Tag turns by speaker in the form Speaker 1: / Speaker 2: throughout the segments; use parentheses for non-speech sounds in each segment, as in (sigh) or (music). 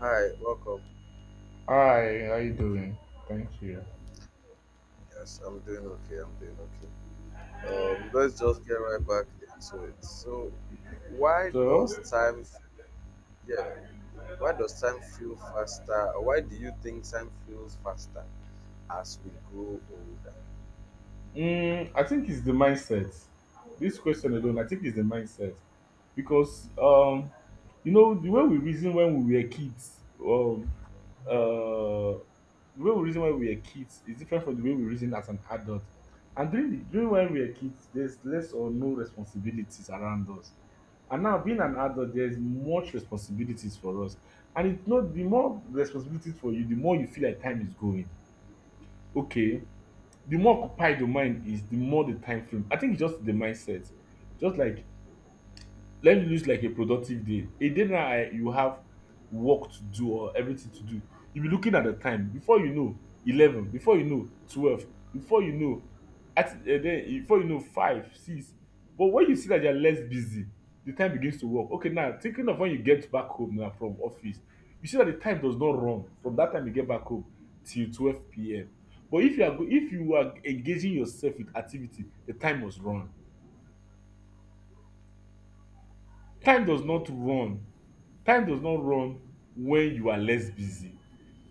Speaker 1: Hi, welcome.
Speaker 2: Hi, how you doing? Thank you.
Speaker 1: Yes, I'm doing okay. I'm doing okay. Let's just get right back into it. Why
Speaker 2: So,
Speaker 1: does time, f- yeah, why does time feel faster? Why do you think time feels faster as we grow older?
Speaker 2: I think it's the mindset. This question alone, I think it's the mindset because you know the way we reason when we were kids, the way we reason when we were kids is different from the way we reason as an adult. And during when we were kids, there's less or no responsibilities around us. And now being an adult, there's much responsibilities for us. And it's not the more responsibilities for you, the more you feel like time is going. Okay. The more occupied your mind is, the more the time frame. I think it's just the mindset. Just like let me lose like a productive day. A day now you have work to do or everything to do. You'll be looking at the time before you know 11, before you know 12, before you know at then before you know five, six. But when you see that you are less busy, the time begins to work. Okay, now thinking of when you get back home now from office, you see that the time does not run from that time you get back home till 12 PM. But if you are engaging yourself with activity, the time must run. Time does
Speaker 1: Mm.
Speaker 2: not run. Time does not run when you are less busy.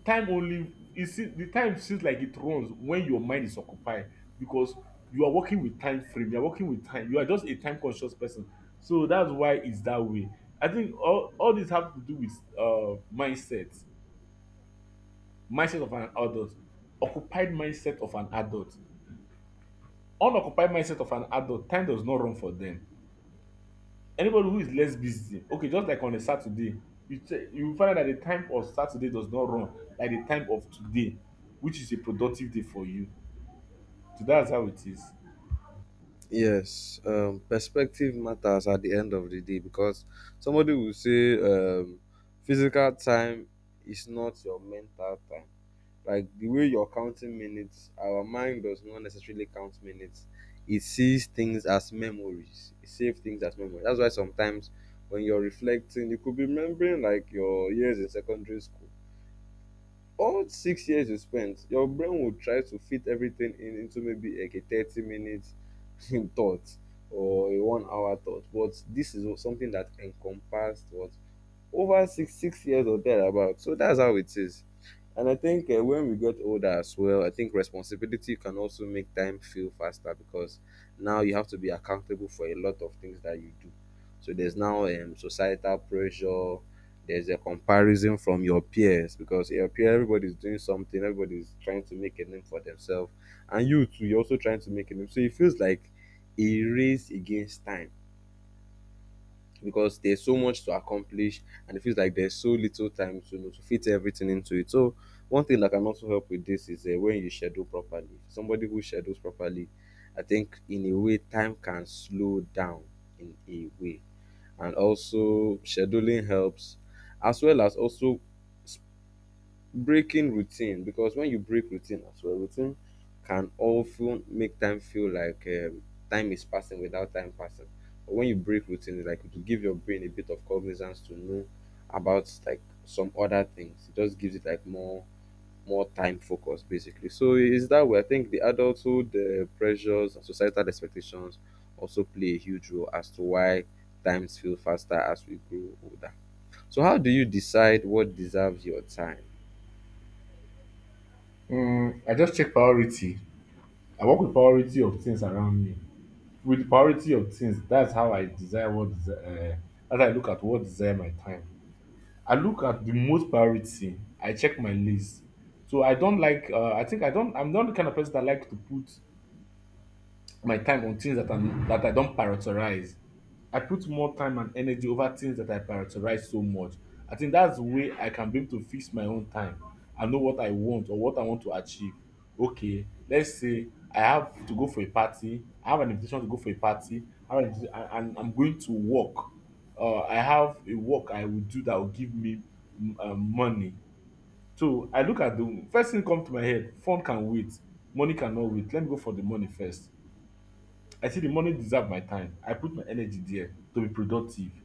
Speaker 2: Time only it see the time seems like it runs when your mind is occupied because you are working with time frame, you are working with time, you are just a time conscious person. So that's why it's that way. I think all this have to do with mindset, mindset of an adult, occupied mindset of an adult, unoccupied mindset of an adult, time does not run for them. Anybody who is less busy, okay, just like on a Saturday, you find out that the time of Saturday does not run like the time of today, which is a productive day for you. So that's how it is.
Speaker 1: Yes, perspective matters at the end of the day because somebody will say, physical time is not your mental time. Like the way you're counting minutes, our mind does not necessarily count minutes. It sees things as memories, it saves things as memories. That's why sometimes when you're reflecting, you could be remembering like your years in secondary school, all 6 years you spent, your brain will try to fit everything in into maybe like a 30 minute (laughs) thought or a one hour thought, but this is something that encompassed what, over six years or thereabout. So that's how it is. And I think when we get older as well, I think responsibility can also make time feel faster because now you have to be accountable for a lot of things that you do. So there's now societal pressure. There's a comparison from your peers, because your peer, everybody's doing something, everybody's trying to make a name for themselves, and you too, you're also trying to make a name. So it feels like a race against time because there's so much to accomplish and it feels like there's so little time to, you know, to fit everything into it. So one thing that can also help with this is, when you schedule properly. Somebody who schedules properly, I think in a way time can slow down in a way, and also scheduling helps, as well as also breaking routine. Because when you break routine as well, routine can often make time feel like, time is passing without time passing. But when you break routine, it's like to give your brain a bit of cognizance to know about like some other things. It just gives it like more time focus, basically. So it's that way. I think the adulthood pressures and societal expectations also play a huge role as to why times feel faster as we grow older. So how do you decide what deserves your time?
Speaker 2: I just check priority. I work with priority of things around me. With the priority of things, that's how I desire what desi- as I look at what desire my time. I look at the most priority. I check my list. So I don't like. I think I don't. I'm not the kind of person that like to put my time on things that I don't prioritize. I put more time and energy over things that I prioritize so much. I think that's the way I can be able to fix my own time. I know what I want or what I want to achieve. Okay, let's say I have to go for a party. I have an invitation to go for a party. I have an invitation, and I'm going to work. I have a work I will do that will give me money. So I look at the first thing come to my head. Fun can wait. Money cannot wait. Let me go for the money first. I see the money deserve my time. I put my energy there to be productive.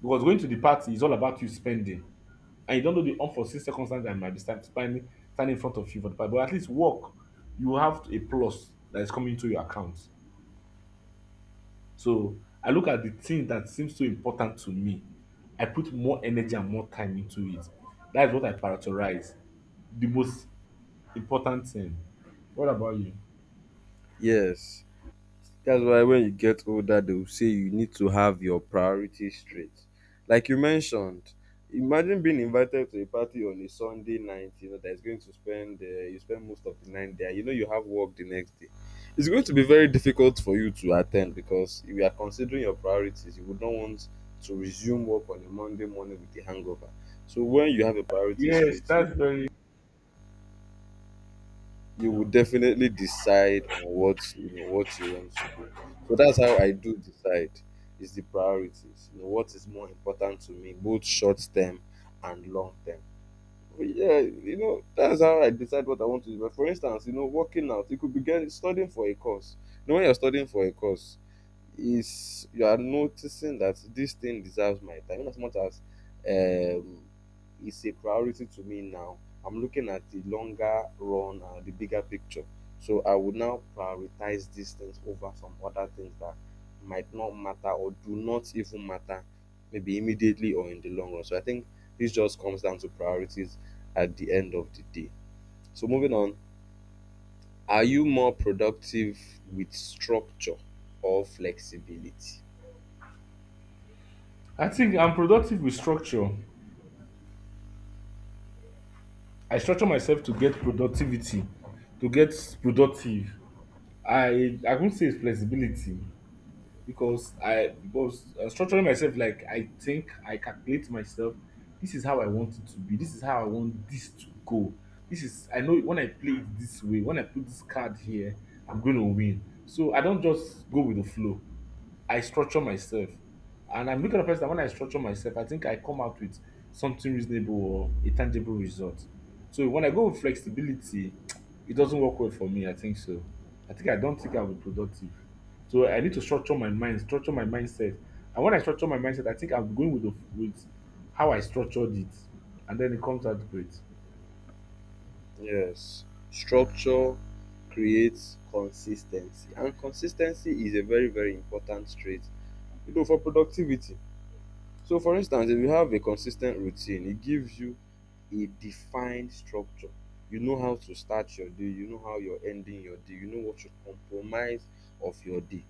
Speaker 2: Because going to the party is all about you spending. And you don't know the unforeseen circumstance that might be standing in front of you for the party. But at least work, you have a plus that is coming into your account. So I look at the thing that seems so important to me. I put more energy and more time into it. That is what I prioritize. The most important thing. What about you?
Speaker 1: Yes, that's why when you get older, they will say you need to have your priorities straight. Like you mentioned, imagine being invited to a party on a Sunday night, you know, that's going to spend, you spend most of the night there. You know, you have work the next day. It's going to be very difficult for you to attend because you are considering your priorities. You would not want to resume work on a Monday morning with a hangover. So when you have a priority
Speaker 2: Yes,
Speaker 1: straight, you
Speaker 2: that's very.
Speaker 1: you will definitely decide on what, you know, what you want to do. So that's how I do decide, is the priorities, you know, what is more important to me, both short term and long term. But yeah, you know, that's how I decide what I want to do. But for instance, you know, working out, you could begin studying for a course. You know, when you're studying for a course, is you are noticing that this thing deserves my time. In as much as um, it's a priority to me now, I'm looking at the longer run and the bigger picture. So I would now prioritize these things over some other things that might not matter or do not even matter, maybe immediately or in the long run. So I think this just comes down to priorities at the end of the day. So moving on, are you more productive with structure or flexibility?
Speaker 2: I think I'm productive with structure. I structure myself to get productivity, to get productive. I won't say it's flexibility because structuring myself like I think I calculate myself. This is how I want it to be. This is how I want this to go. This is I know when I play it this way. When I put this card here, I'm going to win. So I don't just go with the flow. I structure myself. And I'm looking at a person that when I structure myself, I think I come out with something reasonable or a tangible result. So when I go with flexibility, (tsk) it doesn't work well for me. I think so. I think I don't think I'll be productive. So I need to structure my mind, structure my mindset. And when I structure my mindset, I think I'm going with how I structured it. And then it comes out great.
Speaker 1: Yes, structure creates consistency, and consistency is a very very important trait, you know, for productivity. So, for instance, if you have a consistent routine, it gives you a defined structure. You know how to start your day, you know how you're ending your day, you know what to compromise of your day.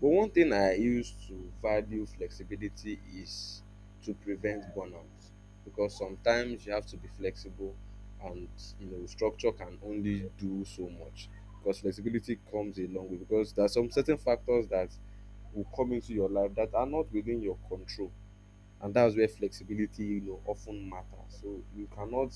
Speaker 1: But one thing I use to value flexibility is to prevent burnout, because sometimes you have to be flexible and you know structure can only do so much. Because flexibility comes a long way, because there are some certain factors that will come into your life that are not within your control, and that's where flexibility, you know, often matters. So you cannot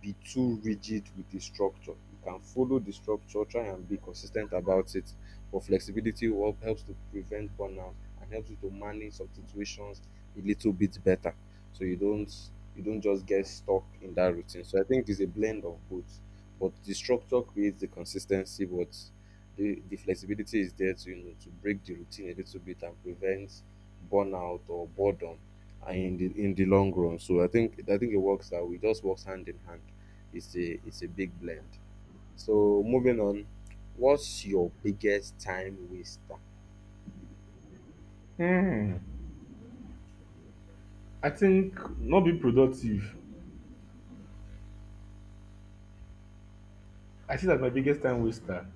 Speaker 1: be too rigid with the structure. You can follow the structure, try and be consistent about it, but flexibility will helps to prevent burnout and helps you to manage some situations a little bit better. So you don't just get stuck in that routine. So I think it's a blend of both. But the structure creates the consistency, but the flexibility is there to, you know, to break the routine a little bit and prevent burnout or boredom in the long run. So I think it works, that we just works hand in hand. It's a big blend. So moving on, what's your biggest time waster?
Speaker 2: Hmm. I think not being productive. I see that my biggest time waster,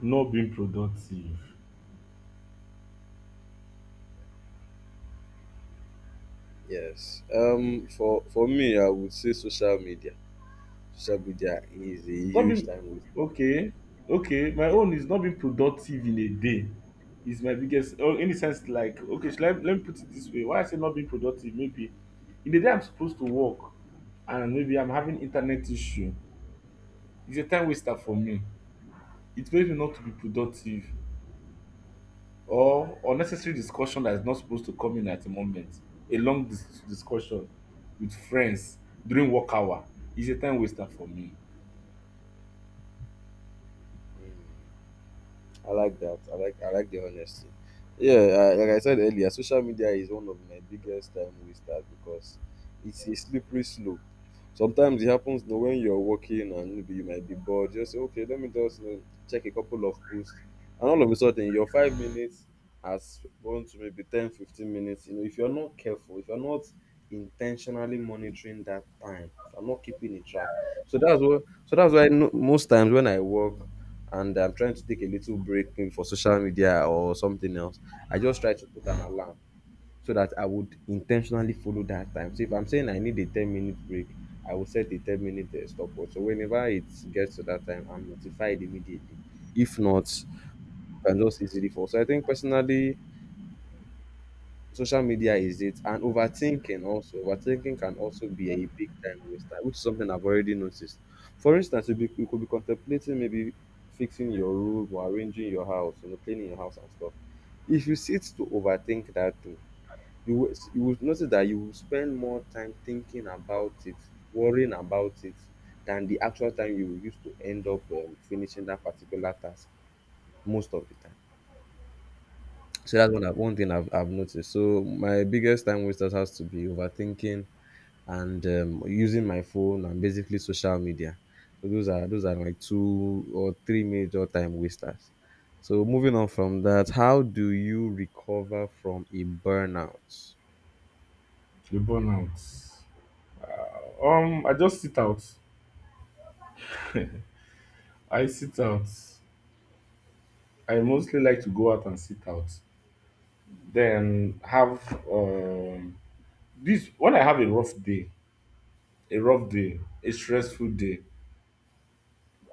Speaker 2: not being productive.
Speaker 1: Yes. For me, I would say social media. Social media is a
Speaker 2: Not
Speaker 1: huge
Speaker 2: being
Speaker 1: time waster.
Speaker 2: okay, okay. My own is not being productive in a day is my biggest or in the sense like okay, let me put it this way. Why I say not being productive, maybe in the day I'm supposed to work and maybe I'm having internet issue. It's a time waster for me. It makes me not to be productive or unnecessary discussion that is not supposed to come in at the moment. A long discussion with friends during work hour is a time waster for me.
Speaker 1: Yeah. Mm. I like that. I like the honesty. Yeah, I, like I said earlier, social media is one of my biggest time wasters because it's a slippery slope. Sometimes it happens, you know, when you're working and maybe you might be bored. Just say, okay, let me just, you know, check a couple of posts, and all of a sudden your 5 minutes has gone to maybe 10, 15 minutes. You know, if you're not careful, if you're not intentionally monitoring that time, if I'm not keeping a track. So that's what. So that's why no, most times when I work, and I'm trying to take a little break maybe for social media or something else, I just try to put an alarm so that I would intentionally follow that time. So if I'm saying I need a 10-minute break, I will set a 10 minute stopwatch. So whenever it gets to that time, I'm notified immediately. If not, I can just easily fall. So I think personally, social media is it, and overthinking also. Overthinking can also be a big time waster, which is something I've already noticed. For instance, you could be contemplating maybe fixing your room or arranging your house, you know, cleaning your house and stuff. If you sit to overthink that thing, you will notice that you will spend more time thinking about it, worrying about it, than the actual time you will use to end up finishing that particular task most of the time. So that's one thing I've noticed. So my biggest time wasters has to be overthinking and using my phone and basically social media. So those are like 2 or 3 major time wasters. So moving on from that, how do you recover from a burnout?
Speaker 2: The burnout. I just sit out. I sit out. I mostly like to go out and sit out. Then have this when I have a rough day, a stressful day.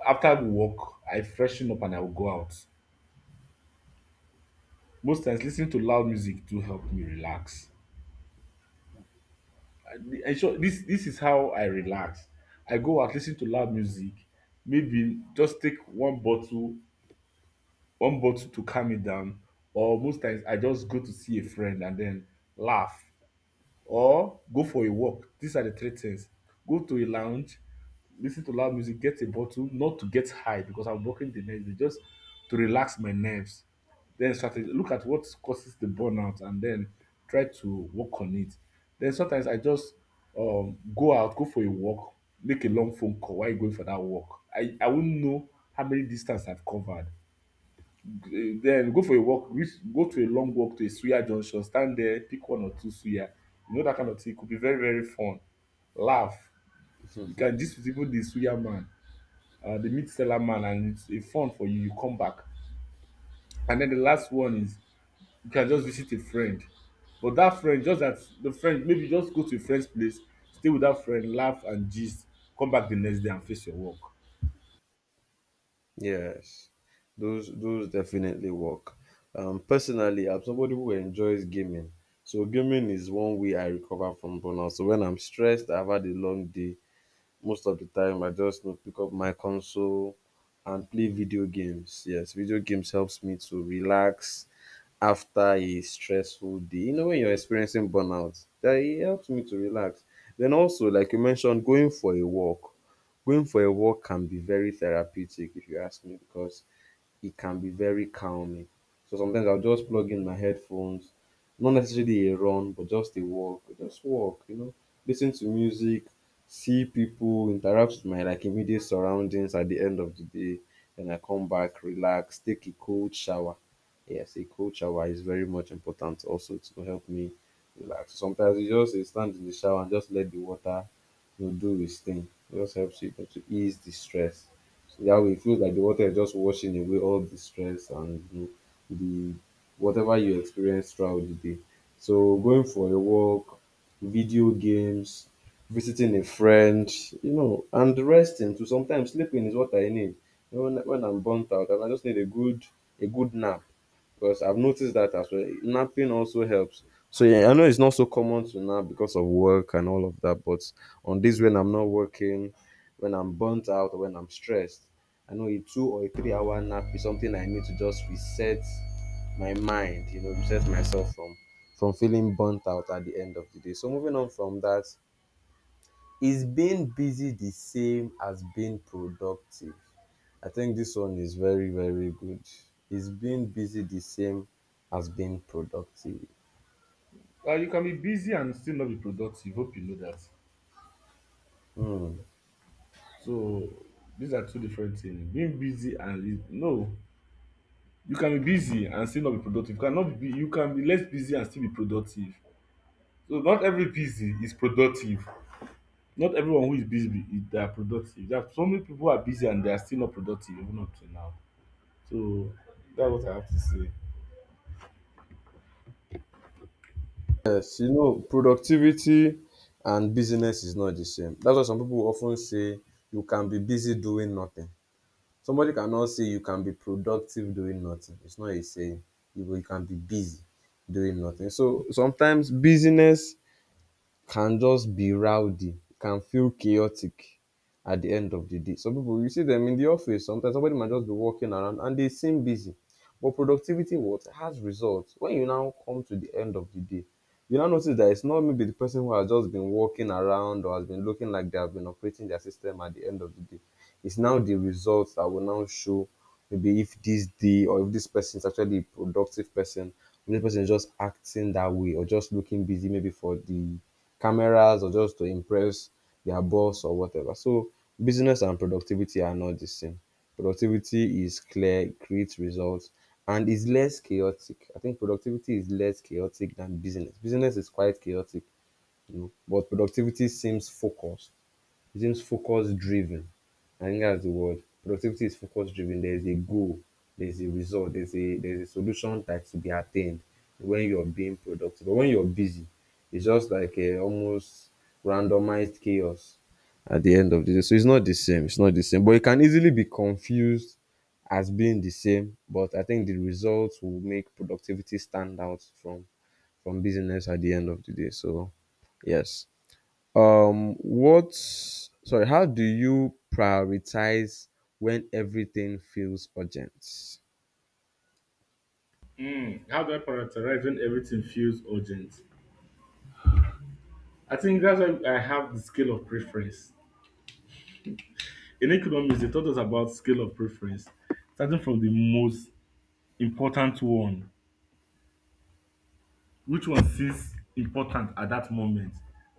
Speaker 2: After I work, I freshen up and I will go out. Most times, listening to loud music to help me relax. I, I sure this is how I relax. I go out, listen to loud music. Maybe just take one bottle to calm me down. Or most times, I just go to see a friend and then laugh or go for a walk. These are the three things. Go to a lounge, listen to loud music, get a bottle, not to get high because I'm working the next day, just to relax my nerves. Then strategy, look at what causes the burnout and then try to work on it. Then sometimes I just go out, go for a walk, make a long phone call while you're going for that walk. I wouldn't know how many distance I've covered. Then go for a walk, reach, go to a long walk to a suya junction, stand there, pick one or two suya. You know that kind of thing. It could be very, very fun. Laugh. You can gist with even the suya man, the meat seller man, and it's a fun for you. You come back. And then the last one is you can just visit a friend. But that friend, just that the friend, maybe just go to a friend's place, stay with that friend, laugh and gist, come back the next day and face your work.
Speaker 1: Yes, those definitely work. Personally, I'm somebody who enjoys gaming. So gaming is one way I recover from burnout. So when I'm stressed, I've had a long day. Most of the time I just, you know, pick up my console and play video games. Yes, video games helps me to relax after a stressful day, you know, when you're experiencing burnout. That it helps me to relax. Then also, like you mentioned, going for a walk, going for a walk can be very therapeutic if you ask me, because it can be very calming. So sometimes I'll just plug in my headphones, not necessarily a run, but just a walk, just walk, you know, listen to music, see people, interact with my like immediate surroundings at the end of the day. Then I come back, relax, take a cold shower. Yes, a cold shower is very much important also to help me relax. Sometimes you just stand in the shower and just let the water, you know, do its thing. It just helps you to ease the stress. So that way it feels like the water is just washing away all the stress and, you know, the whatever you experience throughout the day. So going for a walk, video games, visiting a friend, you know, and resting to sometimes sleeping is what I need. You know, when I'm burnt out and I just need a good nap, because I've noticed that as well. Napping also helps. So yeah, I know it's not so common to nap because of work and all of that, but on days when I'm not working, when I'm burnt out or when I'm stressed, I know a 2 or a 3 hour nap is something I need to just reset my mind, you know, reset myself from feeling burnt out at the end of the day. So moving on from that, is being busy the same as being productive? I think this one is very, very good. Is being busy the same as being productive?
Speaker 2: You can be busy and still not be productive. Hope you know that.
Speaker 1: Hmm.
Speaker 2: So these are two different things. Being busy and no, you can be busy and still not be productive. You cannot be you can be less busy and still be productive. So not every busy is productive. Not everyone who is busy they are productive. There are so many people who are busy and they are still not productive even up to now. So that's what I have to say.
Speaker 1: Yes, you know, productivity and busyness is not the same. That's why some people often say you can be busy doing nothing. Somebody cannot say you can be productive doing nothing. It's not a saying. You can be busy doing nothing. So sometimes busyness can just be rowdy, can feel chaotic at the end of the day. Some people, you see them in the office, sometimes somebody might just be walking around and they seem busy. But productivity what has results. When you now come to the end of the day, you now notice that it's not maybe the person who has just been walking around or has been looking like they have been operating their system at the end of the day. It's now the results that will now show maybe if this day or if this person is actually a productive person, this person is just acting that way or just looking busy, maybe for the cameras or just to impress their boss or whatever. So business and productivity are not the same. Productivity is clear, it creates results, and is less chaotic. I think productivity is less chaotic than business. Business is quite chaotic, but productivity seems focused, it seems focus driven. I think that's the word. Productivity is focus driven. There's a goal, there's a result, there's a solution that to be attained when you're being productive. But when you're busy, it's just like a almost randomized chaos at the end of the day. So it's not the same. It's not the same. But it can easily be confused as being the same. But I think the results will make productivity stand out from business at the end of the day. So yes. What sorry, how do you prioritize when everything feels urgent?
Speaker 2: How do I prioritize when everything feels urgent? I think that's why I have the scale of preference. In economics, they taught us about scale of preference, starting from the most important one. Which one seems important at that moment?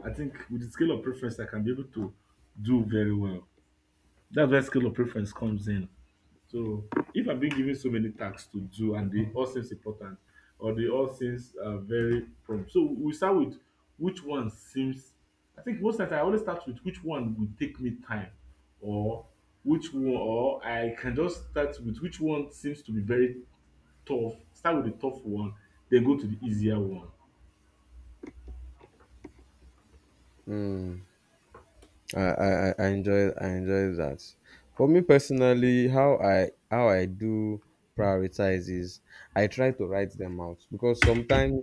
Speaker 2: I think with the scale of preference, I can be able to do very well. That's where scale of preference comes in. So if I've been given so many tasks to do and they all seems important or they all seems very prompt. So we start with which one seems I think most times I always start with which one will take me time or which one or I can just start with which one seems to be very tough, start with the tough one, then go to the easier one.
Speaker 1: I enjoy that. For me personally, how I do prioritize is I try to write them out because sometimes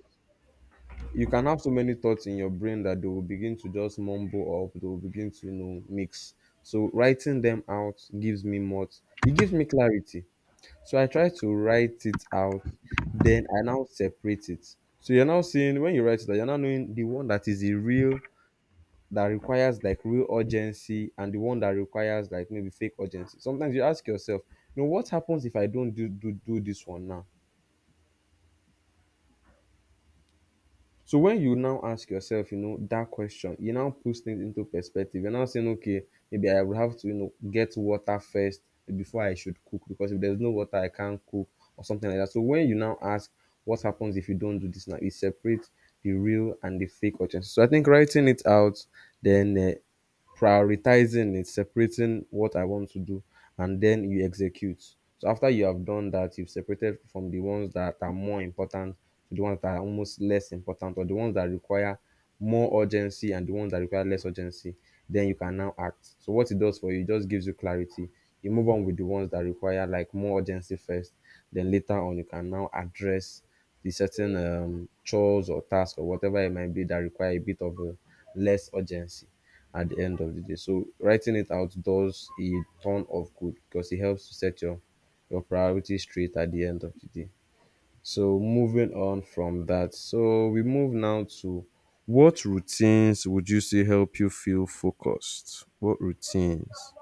Speaker 1: you can have so many thoughts in your brain that they will begin to just mumble up, they will begin to mix. So writing them out gives me more it gives me clarity. So I try to write it out, then I now separate it. So you're now seeing when you write it out, you're now knowing the one that is the real that requires like real urgency and the one that requires like maybe fake urgency. Sometimes you ask yourself, what happens if I don't do this one now? So when you now ask yourself, that question, you now puts things into perspective. You're now saying, okay, maybe I would have to, get water first before I should cook because if there's no water, I can't cook or something like that. So when you now ask, what happens if you don't do this now? It separates the real and the fake urgency. So I think writing it out, then prioritizing is separating what I want to do, and then you execute. So after you have done that, you've separated from the ones that are more important to the ones that are almost less important or the ones that require more urgency and the ones that require less urgency. Then you can now act. So what it does for you, it just gives you clarity. You move on with the ones that require like more urgency first. Then later on, you can now address the certain chores or tasks or whatever it might be that require a bit of less urgency at the end of the day. So writing it out does a ton of good because it helps to set your priorities straight at the end of the day. So moving on from that, so we move now to what routines would you say help you feel focused? What routines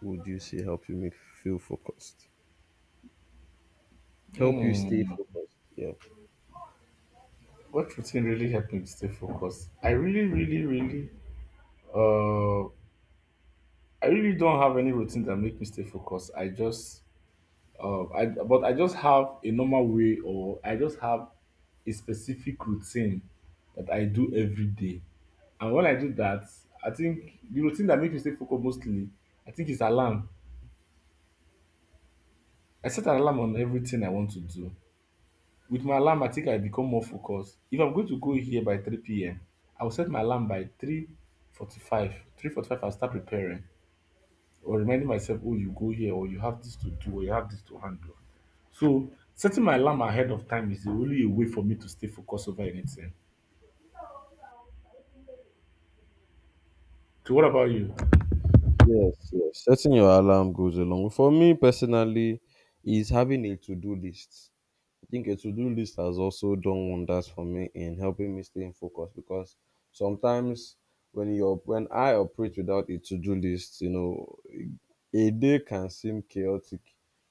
Speaker 1: would you say help you make feel focused? Help you stay
Speaker 2: Hmm.
Speaker 1: focused. Yeah.
Speaker 2: What routine really helped me to stay focused? I really, really, really, uh, I really don't have any routine that make me stay focused. I just have a normal way, or I just have a specific routine that I do every day. And when I do that, I think the routine that makes me stay focused mostly, I think is alarm. I set an alarm on everything I want to do. With my alarm I think I become more focused. If I'm going to go here by 3 p.m., I will set my alarm by 345 and start preparing or reminding myself, oh you go here or you have this to do or you have this to handle. So setting my alarm ahead of time is the only way for me to stay focused over anything. So what about you?
Speaker 1: Yes, yes. Setting your alarm goes along. For me personally, is having a to-do list. I think a to-do list has also done wonders for me in helping me stay in focus because sometimes when I operate without a to-do list, a day can seem chaotic,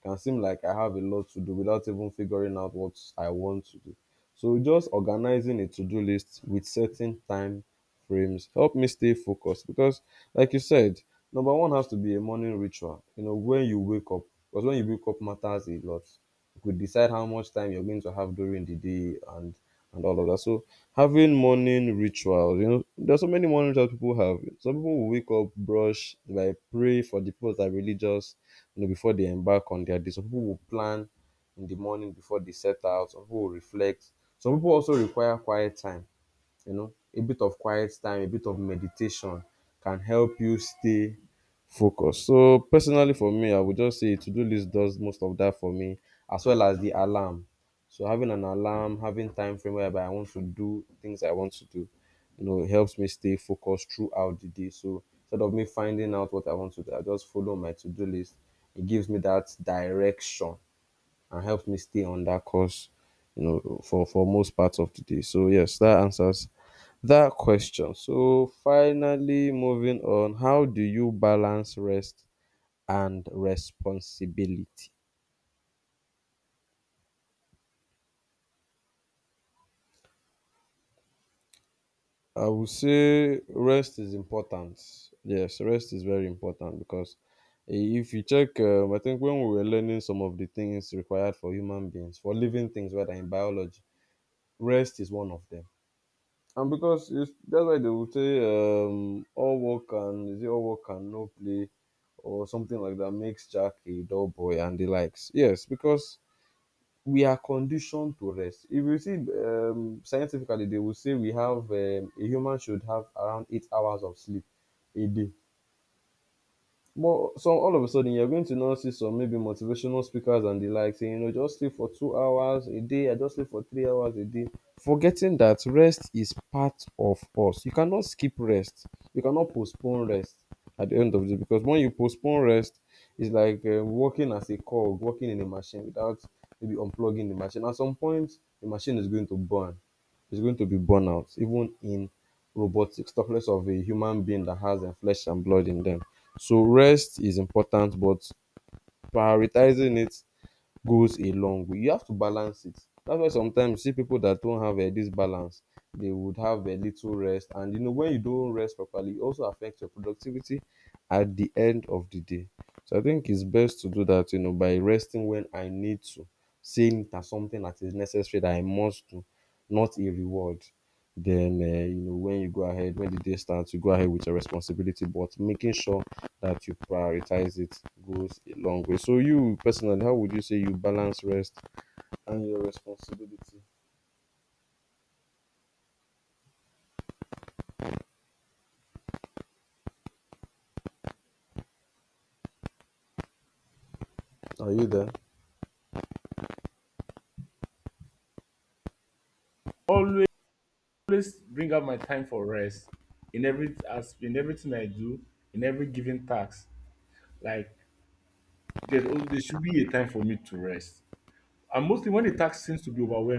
Speaker 1: can seem like I have a lot to do without even figuring out what I want to do. So just organizing a to-do list with certain time frames help me stay focused because like you said, number one has to be a morning ritual. You know, when you wake up, because when you wake up matters a lot, you could decide how much time you're going to have during the day, and all of that. So having morning rituals, there's so many morning rituals people have. Some people will wake up, brush, like pray for the people that are religious, before they embark on their day. Some people will plan in the morning before they set out. Some people will reflect. Some people also require quiet time, a bit of quiet time, a bit of meditation can help you stay focused. So personally for me, I would just say to-do list does most of that for me, as well as the alarm. So having an alarm, having time frame whereby I want to do things I want to do, it helps me stay focused throughout the day. So instead of me finding out what I want to do, I just follow my to-do list. It gives me that direction and helped me stay on that course, for most parts of the day. So yes, that answers that question. So finally, moving on, how do you balance rest and responsibility? I would say rest is important. Yes, rest is very important because if you check, I think when we were learning some of the things required for human beings, for living things, whether in biology, rest is one of them. And that's why they will say all work and is it all work and no play or something like that makes Jack a dull boy and the likes. Yes, because we are conditioned to rest. If you see scientifically, they will say we have a human should have around 8 hours of sleep a day. But some all of a sudden you're going to now see some maybe motivational speakers and the like saying, just sleep for 2 hours a day, I just sleep for 3 hours a day. Forgetting that rest is part of us. You cannot skip rest. You cannot postpone rest at the end of the day because when you postpone rest, it's like working as a cog, working in a machine without maybe unplugging the machine. At some point, the machine is going to burn. It's going to be burnout, even in robotics, talking less of a human being that has their flesh and blood in them. So rest is important, but prioritizing it goes a long way. You have to balance it. That's why sometimes you see people that don't have this balance, they would have a little rest. And when you don't rest properly, it also affects your productivity at the end of the day. So I think it's best to do that, by resting when I need to, seeing it as something that is necessary that I must do, not a reward. Then when the day starts, you go ahead with your responsibility, but making sure that you prioritize it goes a long way. So you personally, how would you say you balance rest and your responsibility? Are you there?
Speaker 2: Always always bring out my time for rest in everything I do, in every given task. Like there should be a time for me to rest, and mostly when the task seems to be overwhelming.